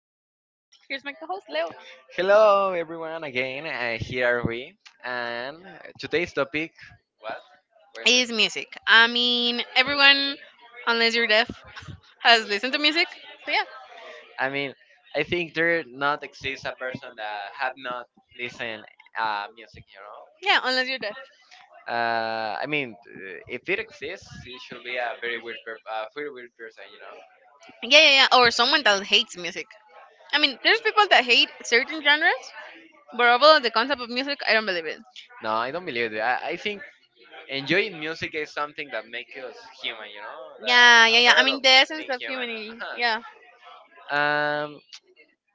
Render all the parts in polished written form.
And here's my co host, Leo. Hello, everyone, again. Here are we. And today's topic, what? Where's Is the- music. I mean, everyone, unless you're deaf, has listened to music. So yeah, I mean, I think there not exists a person that have not listened music, you know? yeah, unless you're deaf. I mean, if it exists, it should be a very weird, very weird person, you know? Yeah, yeah, yeah. Or someone that hates music. I mean, there's people that hate certain genres, but overall, the concept of music, I don't believe it. No, I don't believe it. I think enjoying music is something that makes us human, you know? The, Yeah, a yeah, yeah. I part mean, of the essence being of human. humanity. Yeah. Uh-huh. Um,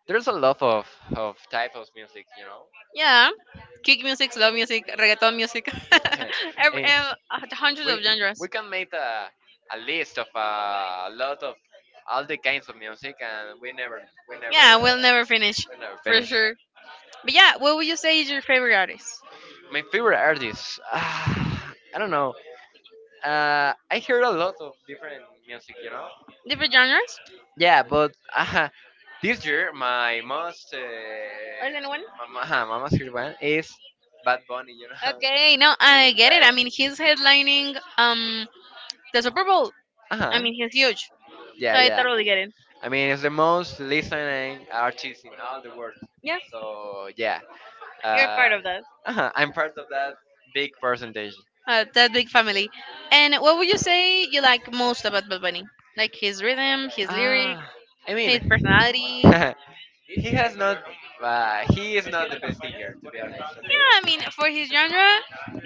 there's a lot of type of music, you know? Yeah, kick music, slow music, reggaeton music, Eh, hundreds of we genres. we can make a list of a lot of all the kinds of music, and we never we never Yeah, we'll uh, end. never finish We never for finish. sure. But yeah, what would you say is your favorite artist? My favorite artists. Ah, I don't know. I heard a lot of different music, you know. Different genres? Yeah, but this year Or than one? My most favorite one is Bad Bunny, you know. Okay, no, I get it. I Like, mean, he's headlining the Super Bowl. uh I huh, mean, he's huge, so yeah, I yeah. totally get it. I mean, it's the most listening artist in all the world. Yeah, So yeah, you're a uh, part of that. I'm part of that big percentage. That big family. And what would you say you like most about Bad Bunny? Like his rhythm, his lyrics, Ah, I mean, his personality. he has not. He is not the best singer, to be Yeah, honest. Okay. I mean, for his genre,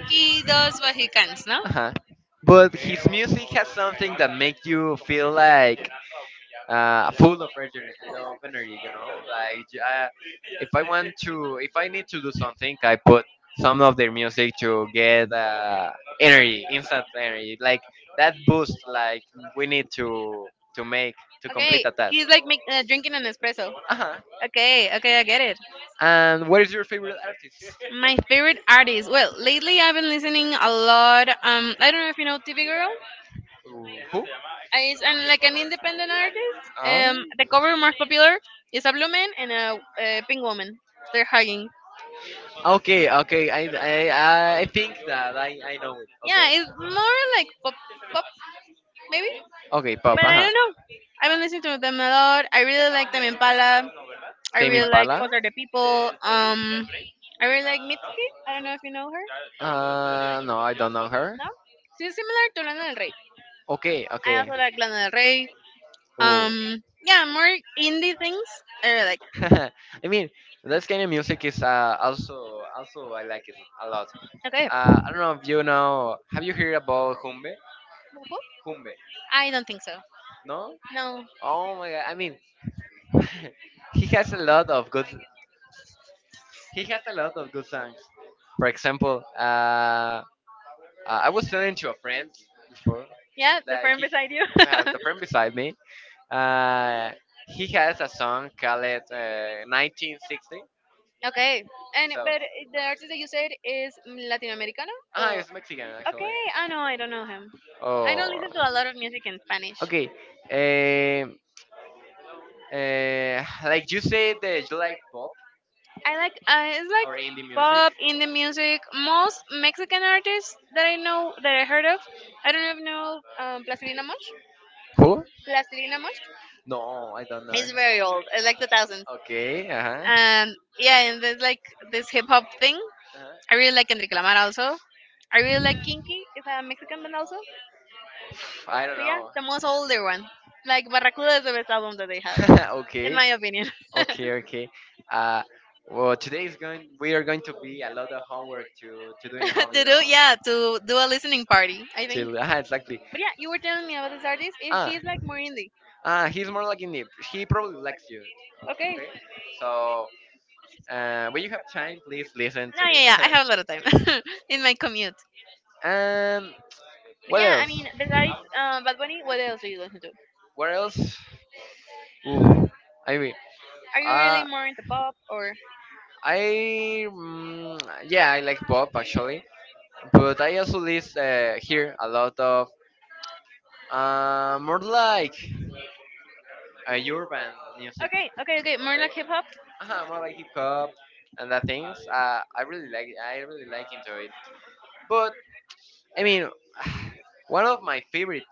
he does what he can, no? Uh-huh. But his music has something that make you feel like full of energy, you know, like yeah, if I want to, if I need to do something, I put some of their music to get energy, instant energy, like that boost, like we need to make to Okay, complete a task. he's like make, drinking an espresso. Uh-huh. Okay, okay, I get it. And what is your favorite artist? My favorite artist. Well, lately I've been listening a lot. I don't know if you know TV Girl. Who? Who? Is I'm like an independent artist. Ah, The cover more popular is a blue man and a pink woman. They're hugging. okay, okay. I think that I know it. Okay. Yeah, it's more like pop, pop maybe, Okay, but pop. I Uh-huh. don't know. I've been listening to them a lot. I really like them Impala. I Tame really like Impala. Fuck the People. I really like Mitski. I don't know if you know her. No, I don't know her. No, she's similar to Lana Del Rey. Okay, I okay. also like Lana Del Rey. Ooh. Yeah, more indie things. I really like. I mean, this kind of music is also also I like it a lot. Okay, I don't know if you know. Have you heard about Humbe? Humbe? I don't think so. No? No, Oh my god! I mean, he has a lot of good. He has a lot of good songs. For example, uh, I was telling to a friend before yeah, the that friend he beside you. The friend beside me. Uh, he has a song called 1960. Okay. And So but the artist that you said is Latin Americano? Or... ah, it's Mexican actually. Okay. I know. I don't know him. I don't Oh. listen to a lot of music in Spanish. Okay. Um, uh, like you said that you like pop I like it's or indie like music. pop indie music. Most Mexican artists that I know that I heard of. I don't know if you know Plastilina Mosh. Who? Plastilina Mosh No, I don't know. is very old. It's like the thousand. Okay. Uh huh. And yeah, and there's like this hip hop thing. Uh-huh. I really like Enrique Lamar also. I really like Kinky. Is a Mexican band also. I don't So yeah, know. the most older one. Like Barracuda is the best album that they have, in Okay. my opinion. Okay. Okay. Uh, well, today is going. We are going to be a lot of homework to doing home. You To do know. yeah, to do a listening party, I think. Till ah exactly. But yeah, you were telling me about this artist. And Ah he's like more indie. ah. He's more like indie. He probably likes you. Okay. Okay. So when you have time, please listen No, to yeah, him. yeah. I have a lot of time in my commute. And But what yeah, I else? mean, besides Bad Bunny, what else do you listen to? What else? Oof. I mean, Are you really uh, more into pop or? I mm, yeah, I like pop actually, but I also listen hear a lot of more like urban music. Okay, okay, okay. More Okay, like hip hop. More like hip hop and that things. I really like into it. But I mean, one of my favorite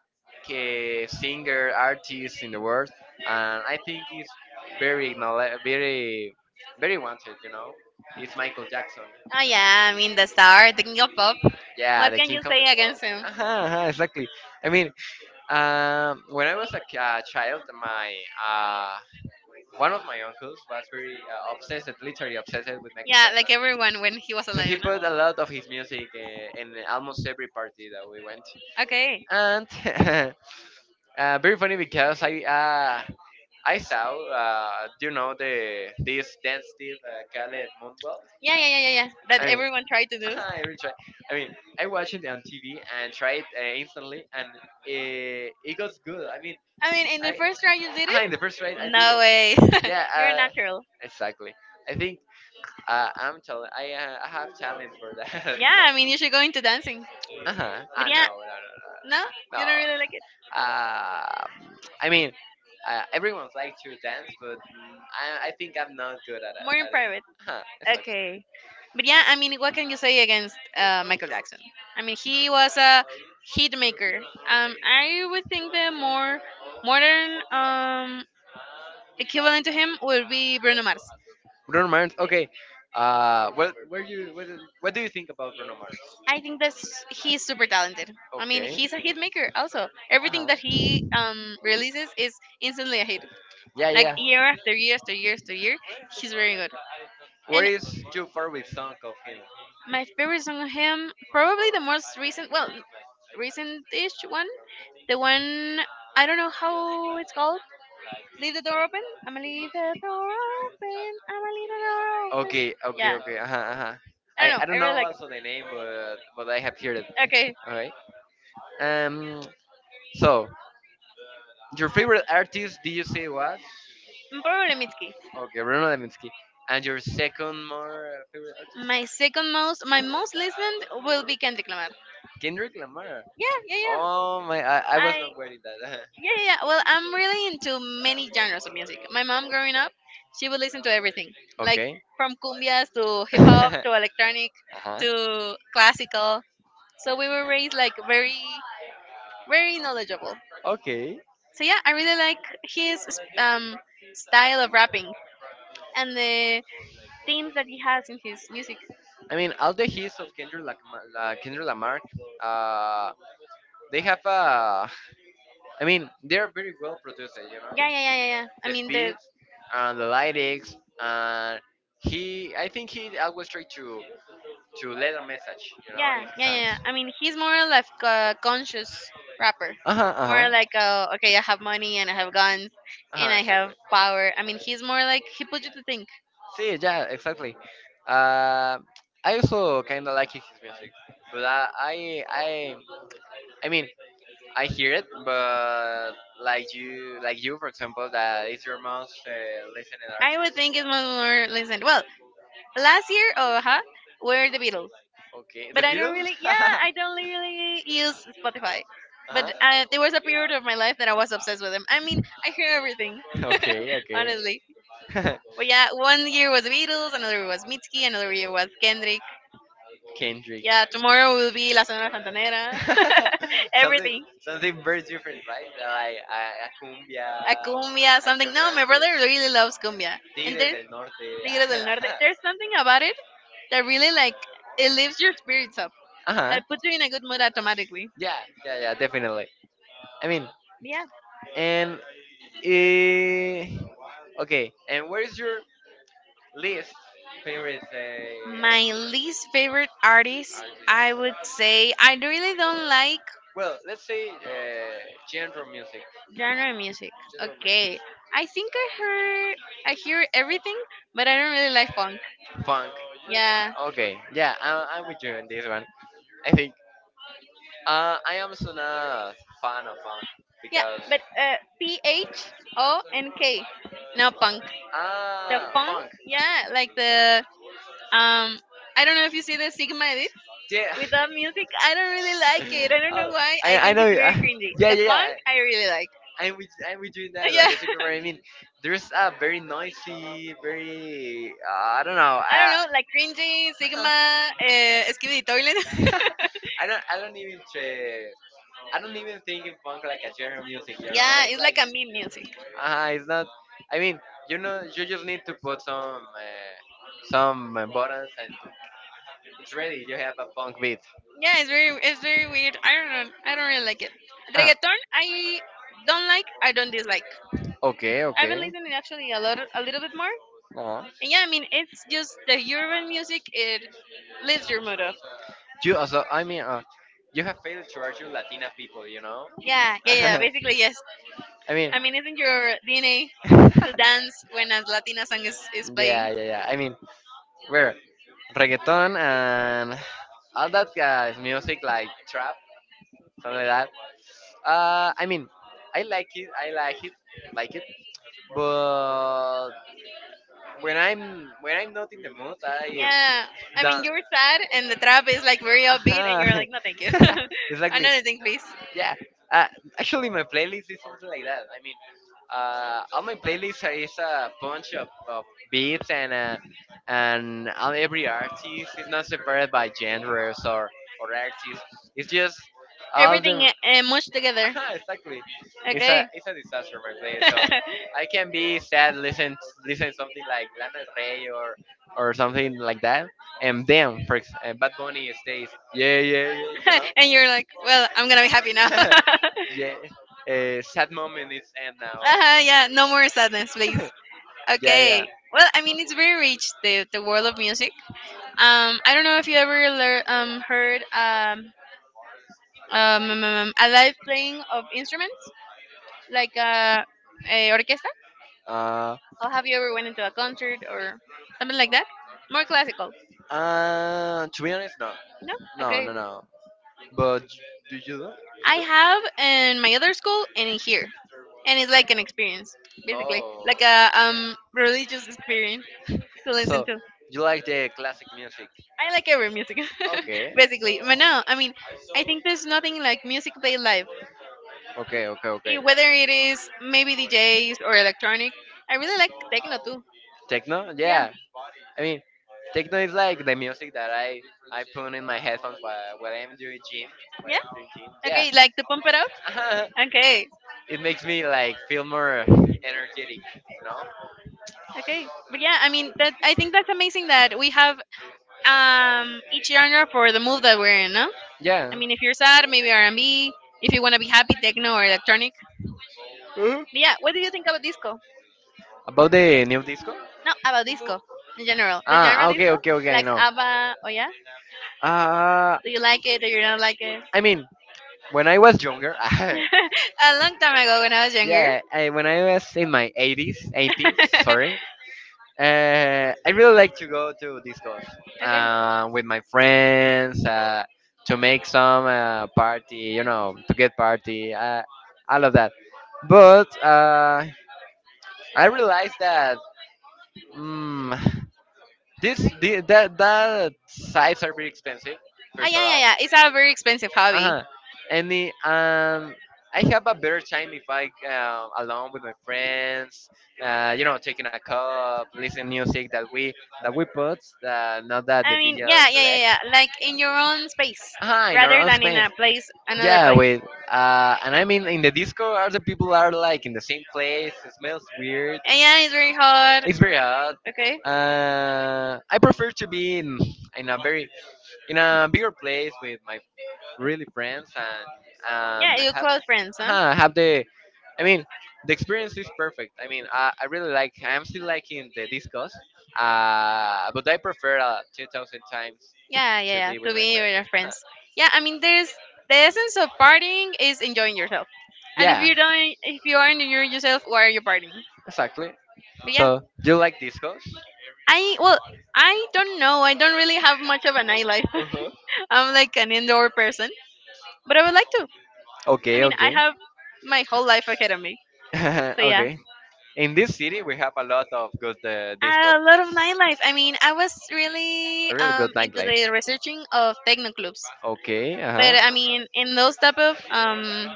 singer artists in the world, and I think is very very wanted. You know, it's Michael Jackson. Oh yeah, I mean the star, the king of pop. Yeah, What the can king you of say the pop. against him? Uh-huh, uh-huh, exactly. I mean, when I was a, a child, my uh, one of my uncles was very obsessed, literally obsessed with Michael. Yeah, like everyone when he was a So he Leona. put a lot of his music in almost every party that we went, Okay. and very funny because uh, I saw do you know the this dance Steve Caleb Moonwell? Yeah, yeah, yeah, yeah, yeah. I That mean, everyone tried to do. I really try. I mean, I watched it on TV and tried instantly, and it goes good. I mean, I mean, in the I, first try you did I it? in the first try I did it. No way. Yeah, You're a natural. exactly. I think I'm talent. I have talent for that. Yeah, I mean, you should go into dancing. Uh-huh. Ah, But no, yeah, no, no, no, no, no. you don't really like it. Uh, I mean, everyone's like to dance, but mm, I think I'm not good at it. More in At it. private. Uh-huh. Exactly. Okay. But yeah, I mean, what can you say against Michael Jackson? I mean, he was a hit maker. I would think the more modern equivalent to him would be Bruno Mars. Bruno Mars. Okay. What, where you, what do you think about Bruno Mars? I think that he's super talented. I mean, Okay. he's a hit maker also. Uh Everything that huh. he releases is instantly a hit. Yeah, Like yeah. year after year after year after year, he's very good. What And is your favorite song of him? my favorite song of him, probably the most recent, well, recent-ish one. The one I don't know how it's called. Leave the door open. I'ma leave the door open. I'ma leave the door open. Okay, okay, Yeah, okay. Uh huh. Uh-huh. Uh-huh. I I don't know. I I don't really know like it. also the name, but I have heard it. Okay, Okay. Um. So your favorite artist? Did you say was? probably Mitski. Okay, Bruno Levinsky. And your second more favorite artist? My second most, my most listened will be Kendrick Lamar. Kendrick Lamar. Yeah, yeah, yeah. Oh my, I was I not wearing that. yeah, yeah, yeah. Well, I'm really into many genres of music. My mom, growing up, she would listen to everything, like Okay. from cumbias to hip hop Uh to electronic huh. to classical. So we were raised like very, very knowledgeable. Okay. So yeah, I really like his um, style of rapping and the themes that he has in his music. I mean, all the hits of Kendrick, Lamar, Kendrick Lamar, uh, they have a I mean, they're very well produced, you know. Yeah, yeah, yeah, yeah, yeah. I The mean the beats and the lyrics, and he, I think he always try to let a message, you know, in yeah, his yeah, yeah, songs. yeah. I mean he's more like a conscious rapper, Uh huh, uh more huh, like a, okay, I have money and I have guns uh and huh, I have exactly. power. I mean he's more like he put you to think. See, yeah, exactly. Uh, I also kind of like his music, but I mean, I hear it, but like you, for example, that If is your your most mom's listening listening I would artist. think it's much more listen. Well, last year, oh, huh, were the Beatles, Okay, the but I don't Beatles. really, yeah, Uh I don't really use Spotify. huh. But there was a period of my life that I was obsessed with them. I mean, I hear everything, Okay, honestly. okay. But yeah, one year was the Beatles, another year was Mitski, another year was Kendrick, Kendrick. yeah, tomorrow will be La Sonora Santanera. Something Everything. something very different, right? Like A cumbia, a something. cumbia No, my brother artist, really loves cumbia. And Tigres there's del Norte. Tigres del Norte. There's something about it that really, like, it lifts your spirits up. Uh huh. That puts you in a good mood automatically. Yeah, yeah, yeah, definitely. I mean, Yeah. and eh, okay. And where is your least favorite My least favorite artist, I artist? would say, I really don't like Well, let's say genre music, genre music. genre Okay, I think I heard, I hear everything, but I don't really like music, funk. yeah, Okay, yeah, I'm with you on this one. I think I am also not fan of funk yeah, because but PHONK, no punk. The ah funk, funk. yeah, like the um, I don't know if you see the Sigma edit Yeah. with that music. I don't really like it. I don't know Oh, why. I I think know. it's very cringy. Yeah, yeah, The yeah. punk, I really like. I'm with you in that. Yeah, Like I see what I mean. There's a very noisy, very I don't know. I don't I, know, like cringy Sigma, Skibidi Toilet. I don't even try, I don't even think in funk like a genre of music. You know, Yeah, it's it's like like a meme music. ah, it's not. I mean, you know, you just need to put some buttons and it's ready. You have a funk beat. Yeah, it's very weird. I don't know. I don't really like it. Ah, Reggaeton, I don't like. I don't dislike. okay, I've been okay. listening actually a lot, a little bit more. Uh, And yeah, I mean, it's just the urban music. It lifts your mood up. you also, I mean, you have failed to argue Latina people, you know? Yeah, yeah, yeah. I Basically, yes. mean, I mean, isn't your DNA to dance when a Latina song is yeah, playing? yeah, yeah. I mean, where reggaeton and all that guys music like trap, something like that. I mean, I like it. I like it, like it. But when I'm not in the mood, I Yeah, I mean, don't. you're sad, and the trap is like very upbeat, and you're Aha, like, no, thank you. exactly. Another thing, please. Yeah. Uh, actually, my playlist is something like that. I mean, on my playlist is a bunch of beats and on every artist is not separated by genres or artists. It's just all them. Everything mushed together. Exactly. Okay. It's a disaster my playlist. So I can be sad, listen something like Lana Del Rey or something like that. And then Bad Bunny stays. Yeah, yeah, yeah. You know. And you're like, well, I'm gonna be happy now. Uh-huh, Yeah. Sad moment is end now. yeah, no more sadness, please. Yeah, yeah. Okay. Well, I mean, it's very rich the world of music. I don't know if you ever heard a live playing of instruments like a orchestra, Uh, or have you ever went into a concert or something like that? More classical. To be honest, no, No. no, Okay. no, no. But do you do? You I do? have in my other school and in here, and it's like an experience, basically, Oh, like a religious experience to listen so to. you like the classic music? I like every music, Okay, basically. But no, I mean, I think there's nothing like music played live, okay, okay, eh, okay. whether it is maybe DJs or electronic. I really like techno too. Techno? Yeah, Yeah. I mean, techno is like the music that I put in my headphones while I'm doing gym. While yeah. I'm doing gym, yeah. Okay, like to pump it up. Okay, It makes me like feel more energetic. You know? okay. But yeah, I mean, that I think that's amazing that we have each genre for the move that we're in, no? Yeah. I mean, if you're sad, maybe R&B. If you want to be happy, techno or electronic. Yeah, what do you think about disco? About the new disco? No, about disco in general. The Ah, genre ah, okay, disco, okay, okay, I like know. ABBA. Oh yeah, Uh, do you like it? Do you not like it? I mean, when I was younger, A long time ago when I was younger. yeah, I, when I was in my 80s, 18s, sorry, I really like to go to discos Okay. With my friends to make some party, you know, to get party, all of that. But I realized that mm, this the, that that sites are very expensive Ah first of yeah, yeah, all yeah. It's a very expensive hobby. uh-huh. And it, I have a better time if I alone with my friends, you know, taking a cup, listening music that we put, not that the I mean, DJ yeah, yeah, yeah, selects. yeah. Like in your own space, Ah, in our rather own than in space. a place, another Yeah, place. with and I mean in the disco, are the people are like in the same place. It smells weird. And yeah, it's very hard. It's very hot. Okay. I prefer to be in a very in a bigger place with my really friends and Yeah, um, your have close friends, huh? Have the I mean the experience is perfect. I mean I really like I'm still liking the discos, but I prefer 2,000 times Yeah, yeah, to yeah. be To with my be friend. with your friends. Yeah, I mean, there's the essence of partying is enjoying yourself. And if Yeah, you don't, if you aren't enjoying yourself, why are you partying? exactly. But yeah, So do you like discos? I well, I don't know. I don't really have much of a nightlife. Uh-huh. I'm like an indoor person, but I would like to. I Okay, mean, I okay, have my whole life ahead of me. So yeah, okay. In this city we have a lot of good disco, a lot of nightlife. I mean, I was really really good into nightlife. the researching of techno clubs, Okay, uh but huh. I mean, in those type of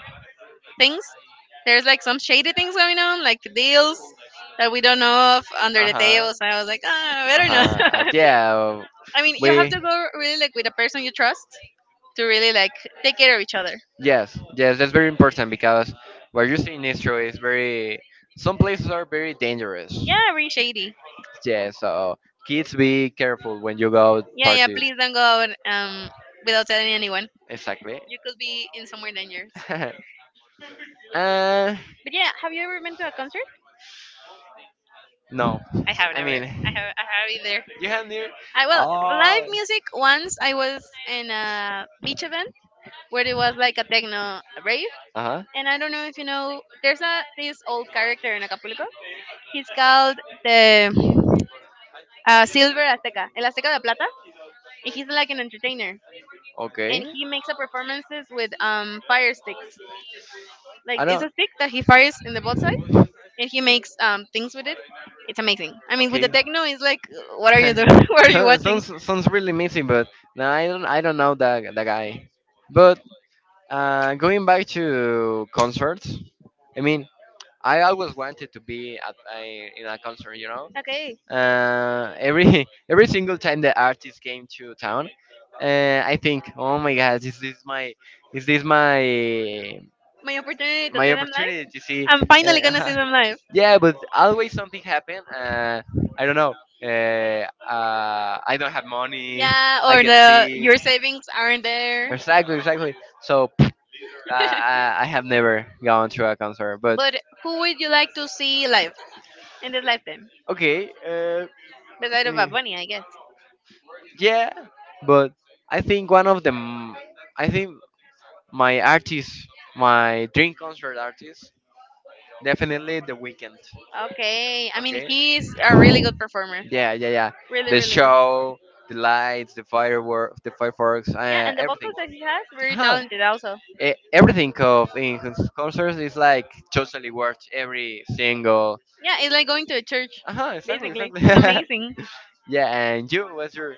things. There's like some shady things going on, like deals that we don't know of under Uh the huh. table. So I was like, ah, Uh better not. huh. Yeah. I mean, you have We to go really like with a person you trust to really like take care of each other. Yes, yes, that's very important because what you see in Nistro is very. Some places are very dangerous. Yeah, really shady. Yeah, so kids be careful when you go Yeah, yeah. party. Please don't go out without telling anyone. Exactly. You could be in somewhere dangerous. Uh, But yeah, have you ever been to a concert? no, I have I never. I mean, have. I have either. you have near. I live Oh. music once. I was in a beach event where it was like a techno rave. Uh huh. And I don't know if you know, there's a this old character in Acapulco. He's called the Silver Azteca, El Azteca de Plata, and he's like an entertainer. And Okay. he makes up performances with fire sticks. Like I it's don't. a stick that he fires in the both side, and he makes things with it. It's amazing. I mean, with the Okay. techno, it's like, what are you doing? What are you So, watching? sounds sounds really missing, but no, I don't. I don't know the guy. But. Going back to concerts, I mean, I always wanted to be at a, in a concert, you know. Okay, Every every single time the artist came to town, I think, oh my God, is this my my opportunity to my see them live. opportunity to see? I'm finally gonna Uh, see them live. yeah, but always something happened. I don't know. I don't have money. Yeah, I or get the sick. your savings aren't there. Exactly, exactly. So I, I I have never gone to a concert, but But who would you like to see live in this lifetime? okay. Besides I of Bad mean, Bunny, I guess. yeah, but I think one of the m- I think my artist, my dream concert artist, definitely The Weekend. Okay, I mean Okay. he's a really good performer. Yeah, yeah, yeah. Really, The really good. show, the lights, the fireworks, Yeah, and the everything. vocals that he has, very Huh. talented also. Everything of in his concerts is like totally worth every single. Yeah, it's like going to a church. Uh huh. Exactly. Basically, Exactly. it's amazing. yeah. And you, what's your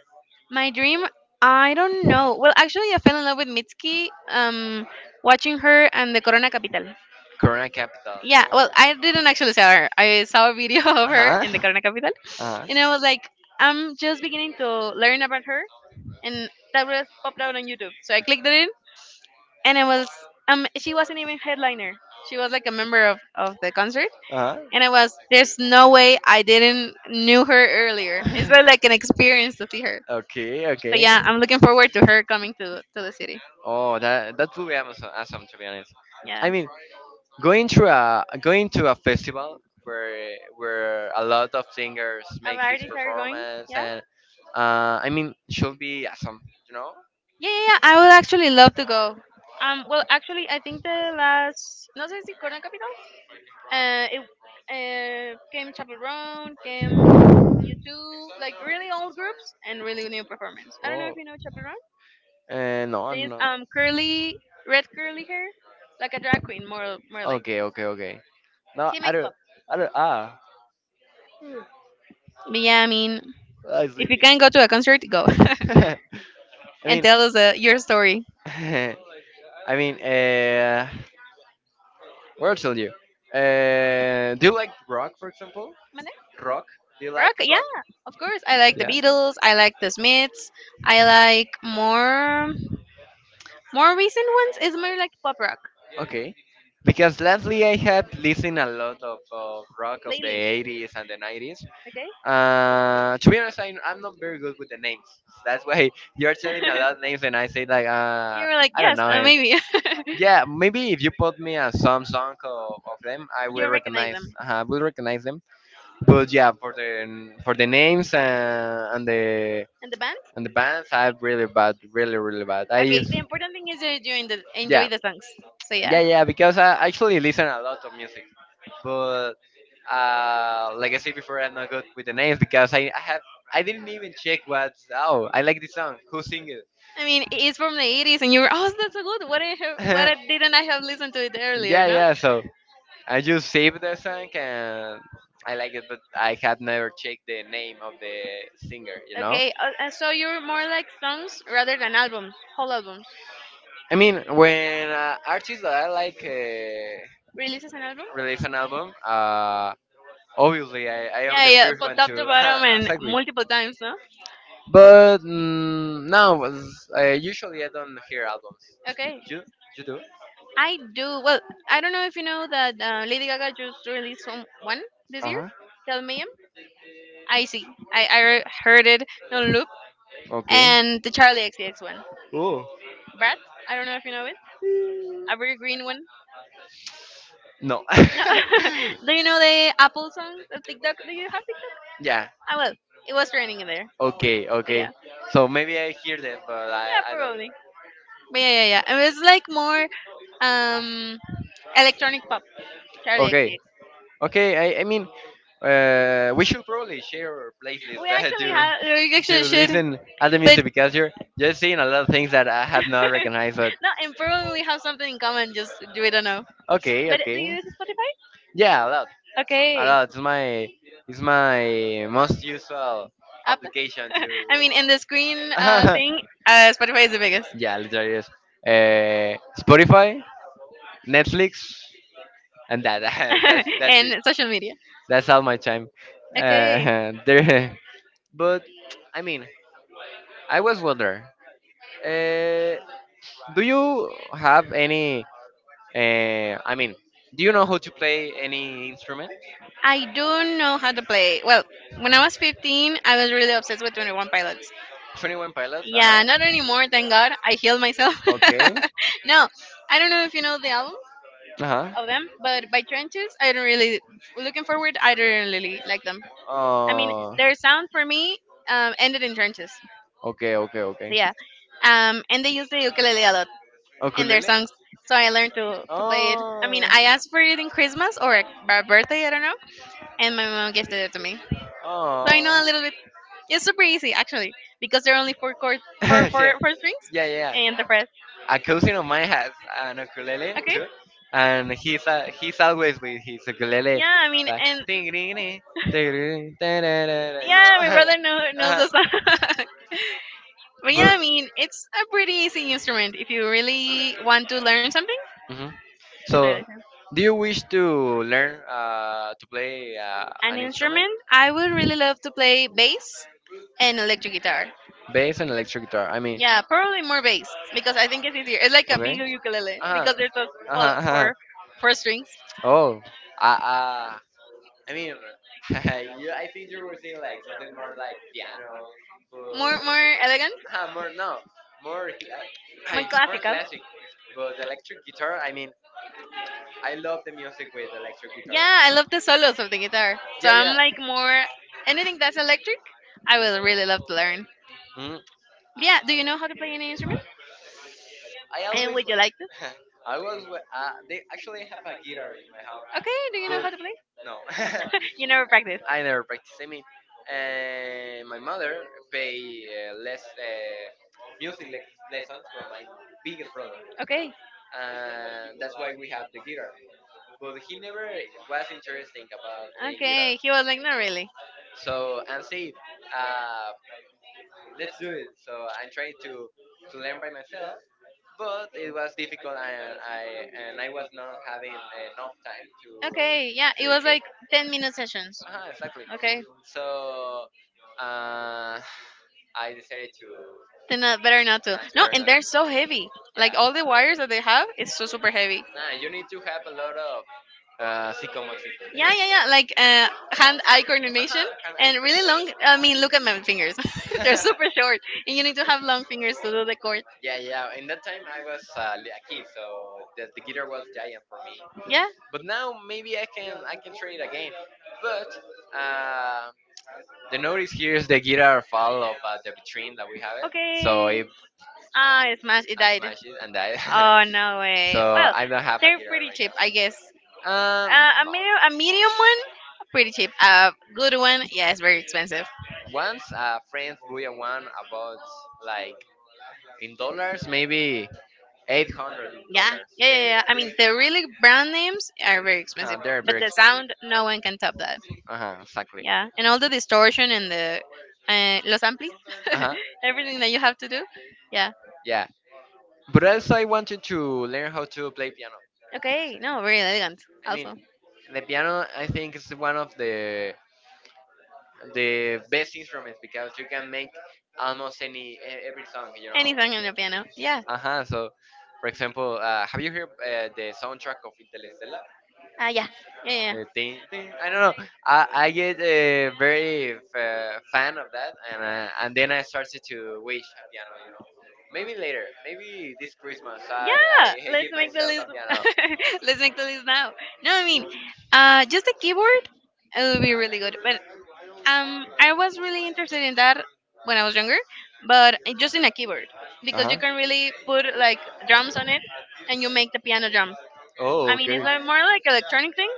My dream, I don't know. Well, actually, I fell in love with Mitski. Watching her and the Corona Capital. Korean capital. Yeah, well, I didn't actually saw her. I saw a video of Uh her huh. in the Corona Capital, Uh huh. and I was like, I'm just beginning to learn about her and that was popped out on YouTube. So I clicked on it, in, and I was she wasn't even headliner. She was like a member of the concert, Uh and I was there's no way I didn't knew her earlier. It's huh. has like an experience to see her. okay. So Okay. yeah, I'm looking forward to her coming to the city. Oh, that that will be awesome, awesome to be honest. I Yeah. mean, going to a festival where a lot of singers make his Artists are going. performance Yeah. and should be awesome. You know. Yeah, yeah, yeah. I would actually love to go. Well, actually, I think the last no sé si Corona Capital. It came Chapel Roan, came due to like really old groups and really new performance. I don't know if Oh. you know Chaperone. No, no. They use No. Curly red curly hair, like a drag queen, more like. Okay, okay, okay. No, She I makes. don't. I don't. Ah, But yeah, I mean, I'm if you sleeping. can go to a concert, go I and mean, tell us your story. I mean. Uh, What I'll tell you. Do you like rock, for example? Mande? Rock? Do you Rock, like yeah, rock? of course. I like the Yeah. Beatles. I like the Smiths. I like more recent ones. Is more like pop rock Okay. Because lastly I have listened a lot of rock of the lately. 80s and the 90s. Okay. To be honest, I'm not very good with the names. That's why you're telling me a lot of names and I say like, You were like, I don't yes, know him. maybe. Yeah, maybe if you put me a some song of them, I will You recognize recognize. them. I will recognize them. But yeah, for the names and the And the band? and the bands, I'm really bad, really, really bad. I Okay, use, the important thing is you're enjoying the yeah, enjoy the songs. So yeah, yeah, yeah, because I actually listen a lot of music. But like I said before, I'm not good with the names because I have, I didn't even check what's, oh, I like this song. Who sing it? I mean it's from the 80s, and you were oh that's so good. What I have, what I didn't I have listened to it earlier? yeah, No. yeah, so I just saved the song and I like it, but I had never checked the name of the singer, you know? Okay, so you're more like songs rather than albums, whole albums. When artists that I like Releases an album? release an album, obviously, I am Yeah, the yeah, first but one top to to bottom and exactly. multiple times, no? But now, usually I don't hear albums. Okay, You you do? I do. Well, I don't know if you know that Lady Gaga just released some one this Uh year, huh. Tell Me I see. I heard it on loop, Okay. and the Charlie XCX one. Oh Brad. I don't know if you know it. A very green one. no. No. Do you know the Apple song of TikTok? Do you have TikTok? yeah. Ah, well, it was trending there. Okay. So yeah, Okay. So maybe I hear them, but yeah, I don't. probably. But yeah, yeah, yeah. And it's like more um electronic pop. Charlie Okay. XCX. Okay. We should probably share our playlists We that actually you have. We actually you should. listen at the But music because you're just seeing a lot of things that I have not recognized. But no, and probably we have something in common. Just we don't know. okay. But do you Okay. use Spotify? Yeah. A lot. A Okay. lot. It's my most usual Apple. application to. I mean, in the screen thing, Spotify is the biggest. yeah, literally is. Spotify, Netflix, and that that's it. And social media. That's all my time. Okay. There, but I mean, I was wondering. Uh, do you have any? Uh, I mean, do you know how to play any instrument? I don't know how to play. Well, when I was 15, I was really obsessed with 21 Pilots. 21 Pilots. Uh Yeah, not huh. anymore, thank God. I healed myself. Okay. No, I don't know if you know the album Uh huh. of them, but by Trenches, I don't really, looking forward, I don't really like them. I mean, Oh. their sound for me ended in Trenches. Okay. Okay. So Okay. yeah. And they use the ukulele a lot in their Ukulele? songs. So I learned to play it. I mean, Oh, I asked for it in Christmas or a birthday, I don't know and my mom gifted it to me. So I oh. know a little bit. It's super easy actually because there are only four chords, yeah, yeah, four strings, yeah. and the rest. A cousin of mine has an ukulele Okay. too, and he's always with his ukulele, Yeah, I mean, like and ding ding ding, ding ding, da, da, da, da, you yeah, know. my brother knows uh-huh. the song. But yeah, I But mean, it's a pretty easy instrument if you really want to learn something. mhm. It's really So, easy. do you wish to learn to play An an instrument, instrument I would really love to play bass and electric guitar. bass and electric guitar? Yeah, probably more bass because I think it's easier. It's like a Okay. bigger ukulele Uh huh. Uh huh. because there's those Uh-huh. Uh-huh. four strings. Oh, I, I mean, you, I think you were saying like something more like piano, but More elegant, ah, more no, more cla- more I more classical. classic. But electric guitar, I love the music with electric guitar. Yeah, I love the solos of the guitar. So Yeah, I'm yeah. like more anything that's electric. I would Mhm, really love to learn. mhm. Yeah. Do you know how to play any instrument? I And would always, you like to? wa- I was, they actually have a guitar in my house, Okay. Do you know but how to play? no, You never practice. I never practice. My mother pay less lessons from my biggest brother. Okay. And that's why we have the guitar. But he never was interesting about playing guitar. Okay. He was like, not really. So and say, uh, let's do it. So I'm trying to learn by myself, but it was difficult, and I was not having enough time Okay. Yeah. to It was dedicate. like 10-minute sessions. Exactly. Okay. So uh, I decided Then not, better not to. To No, burn and it. they're so heavy. Yeah. Like all the wires that they have, it's so super heavy. Nah, you need to have a lot of psychomotric. Yeah, yeah, yeah. Like hand-eye coordination uh-huh, and eye and really coordination. long. I mean, look at my fingers. They're super short, and you need to have long fingers to do the cord. yeah, yeah. In that time, I was a kid, so the guitar was giant for me. Yeah. But now maybe I can try it again. But uh, the notice here is the guitar fall of the vitrine that we have it. So Okay. if Ah, it smashed. It I died. smash it and die, Oh no way. so Well, I don't have a they're guitar pretty right cheap, I guess. now. Um, A no. medium, a medium one, pretty cheap. A good one, yeah, it's very expensive. Once a friend bought one about like in dollars maybe eight hundred Yeah, dollars. yeah, yeah, yeah. I they mean, the really brand names are very expensive, they're but very the expensive. sound, no one can top that. Uh huh. Exactly. Yeah, and all the distortion and the los amplis, Uh huh. everything that you have to do. Yeah. But also, I wanted to learn how to play piano. Okay. No, very elegant. I mean, Also, the piano, I think, is one of the best instruments because you can make almost any every song, you know. anything on the piano. Yeah. Uh huh. So, for example, have you heard the soundtrack of Interstellar? Ah, yeah. Yeah, yeah. Ding, ding. I don't know. Yeah. I get very fan of that, and then I started to wish a piano, you know. Maybe later, maybe this Christmas, Yeah, I let's give make the myself a list. piano. Let's make the list now. No, I mean, just a keyboard. It would be really good. But I was really interested in that when I was younger, but just in a keyboard Uh because you huh. can really put like drums on it, and you make the piano drum. Oh, I mean, it's okay. like more like electronic thing,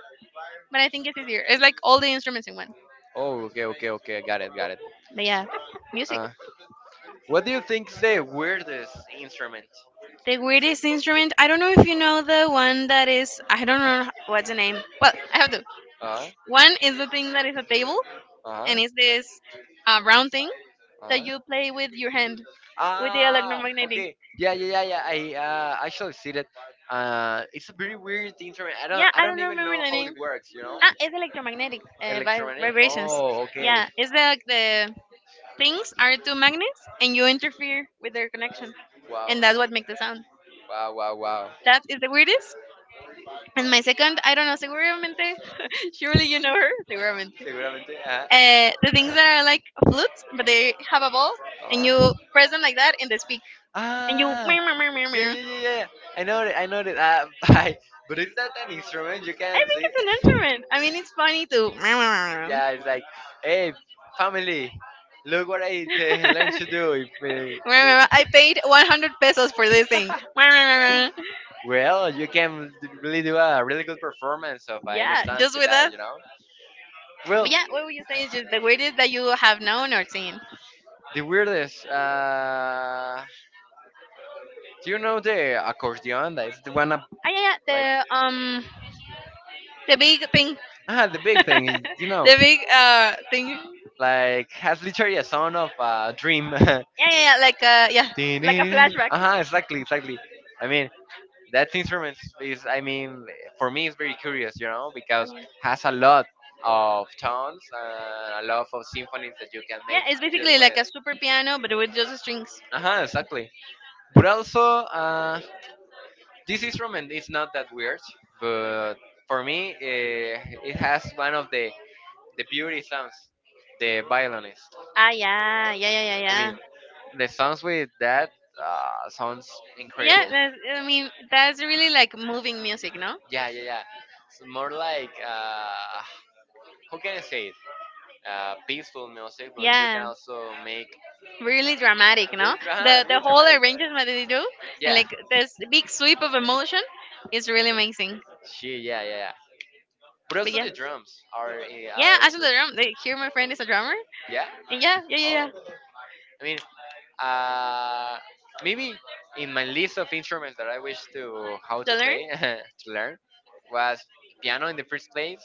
but I think it's easier. It's like all the instruments in one. Oh, okay, okay, okay. Got it, got it. But yeah, music. Uh, what do you think's the weirdest instrument? The weirdest instrument. I don't know if you know the one that is. I don't know what's the name. Well, I have to. Uh, One is the thing that is a table, uh, and it's this round thing that uh. you play with your hand, with the Ah, electromagnetic. okay. Yeah, yeah, yeah, yeah. I actually see that. It's a very weird instrument. Yeah, I I don't don't even remember know the how it name. works. You know, Ah, it's electromagnetic electronic. vibrations. Oh, okay. Yeah, it's like the things are two magnets, and you interfere with their connection, Wow, and that's what makes the sound. wow, wow, wow. That is the weirdest. And my second, I don't know, seguramente, surely you know her, seguramente. Seguramente. Ajá. The things that are like flutes, but they have a ball, and Ah. you press them like that, and they speak, and you. Ah. Meow, meow, meow, meow, Yeah, meow. yeah, yeah, yeah. I know it. I know it. But is that an instrument? You I can think see. it's an instrument. I mean, it's funny to. Meow, meow, meow, meow. Yeah, it's like, hey, family, look what I learned to do. If, you, Meow, meow, meow. I paid 100 pesos for this thing. Meow, meow, meow, meow. well, you can really do a really good performance of any Yeah, song just with with that, us. you know. But Well, yeah, what were you saying? Just the weirdest that you have known or seen. the weirdest. Do you know the accordion? That's the one up, Ah, yeah, yeah, like the big thing, ah, the big thing. You know, the big thing. like has literally a sound of dream. Yeah, yeah, yeah. Like a yeah, like a flashback. exactly, exactly. I mean, that instrument is for me it's very curious you know because has a lot of tones and a lot of symphonies that you can Yeah, make it's just basically with like a super piano, but with just strings. uh-huh exactly but also this instrument is not that weird but for me it has one of the beauty sounds the violinist Ah, yeah, yeah, yeah, yeah, i mean yeah. the sounds with that sounds Yeah, incredible that's, I mean that's really like moving music, no? yeah yeah yeah it's more like how can I say it peaceful music, but you can Yeah, also make really dramatic, really, no? The really whole dramatic. arrangement that they do and Yeah, like this big sweep of emotion is really amazing. she, yeah, yeah, yeah. But But also yeah, the drums are, yeah, Ashton the drum. Like, here, my friend is a drummer. yeah. Yeah, yeah, yeah, Oh, yeah. I mean, uh, maybe in my list of instruments that I wish to how to To learn? play to learn was piano in the first place,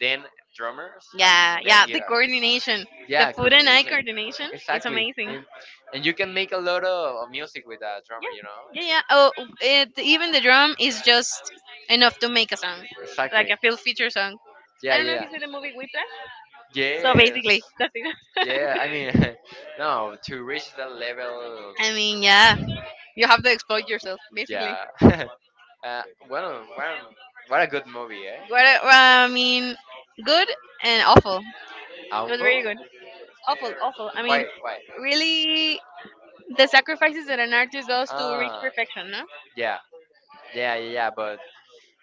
then drummers, and Yeah, then yeah. The guitar. coordination, the Yeah, foot and eye coordination. coordination it's Exactly. amazing. And you can make a lot of music with a drummer, you know? Yeah, yeah, yeah. Oh, it, even the drum is just enough to make a song, like Exactly. a full feature song. Yeah, I don't know if yeah, you see the movie Whiplash. yeah. So Yes. basically, that's it. Yeah, no, to reach that level, I mean, yeah, you have to exploit yourself, basically. yeah. What a good movie, eh? What I well, I mean, good and awful. It was Awful? very good. Awful, awful. I mean, Why? Why? really the sacrifices that an artist does to reach Ah, perfection, no? yeah, yeah, yeah, yeah. But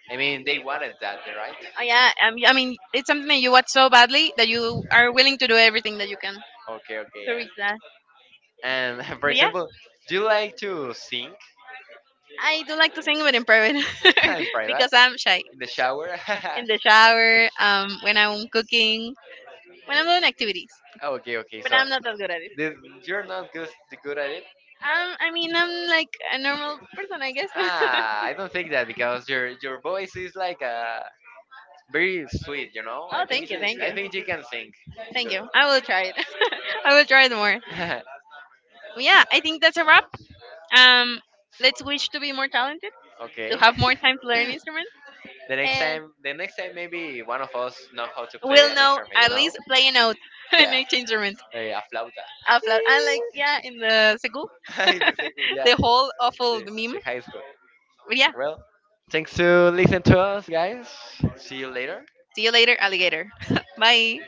they wanted that, right? Oh, yeah, I mean, it's something that you want so badly that you are willing to do everything that you can Okay, okay, to yeah. reach that. And for But yeah, example, do you like to sing I do like to sing, but in private. in private, Because I'm shy. in the shower? In the shower, when I'm cooking, when I'm doing activities. okay, okay. But So I'm not that good at it. this, you're not good, good at it. I mean, I'm like a normal person, I guess. Ah, I don't think that because your voice is like a very sweet, you know. Oh, thank you, thank you. I think she can sing Thank good. you. I will try it. I will try it more. Yeah, I think that's a wrap. Um, let's wish to be more talented, to okay. have more time to learn an instrument, the next and time, the next time maybe one of us know how to play we'll an know instrument, you at know. least play a note and Yeah, each instrument eh, a flauta. out loud. And like, yeah, in the Segul, the second, yeah, the whole awful the, meme. the high school. But yeah, Well, thanks to listen to us, guys. See you later. see you later, alligator. Bye.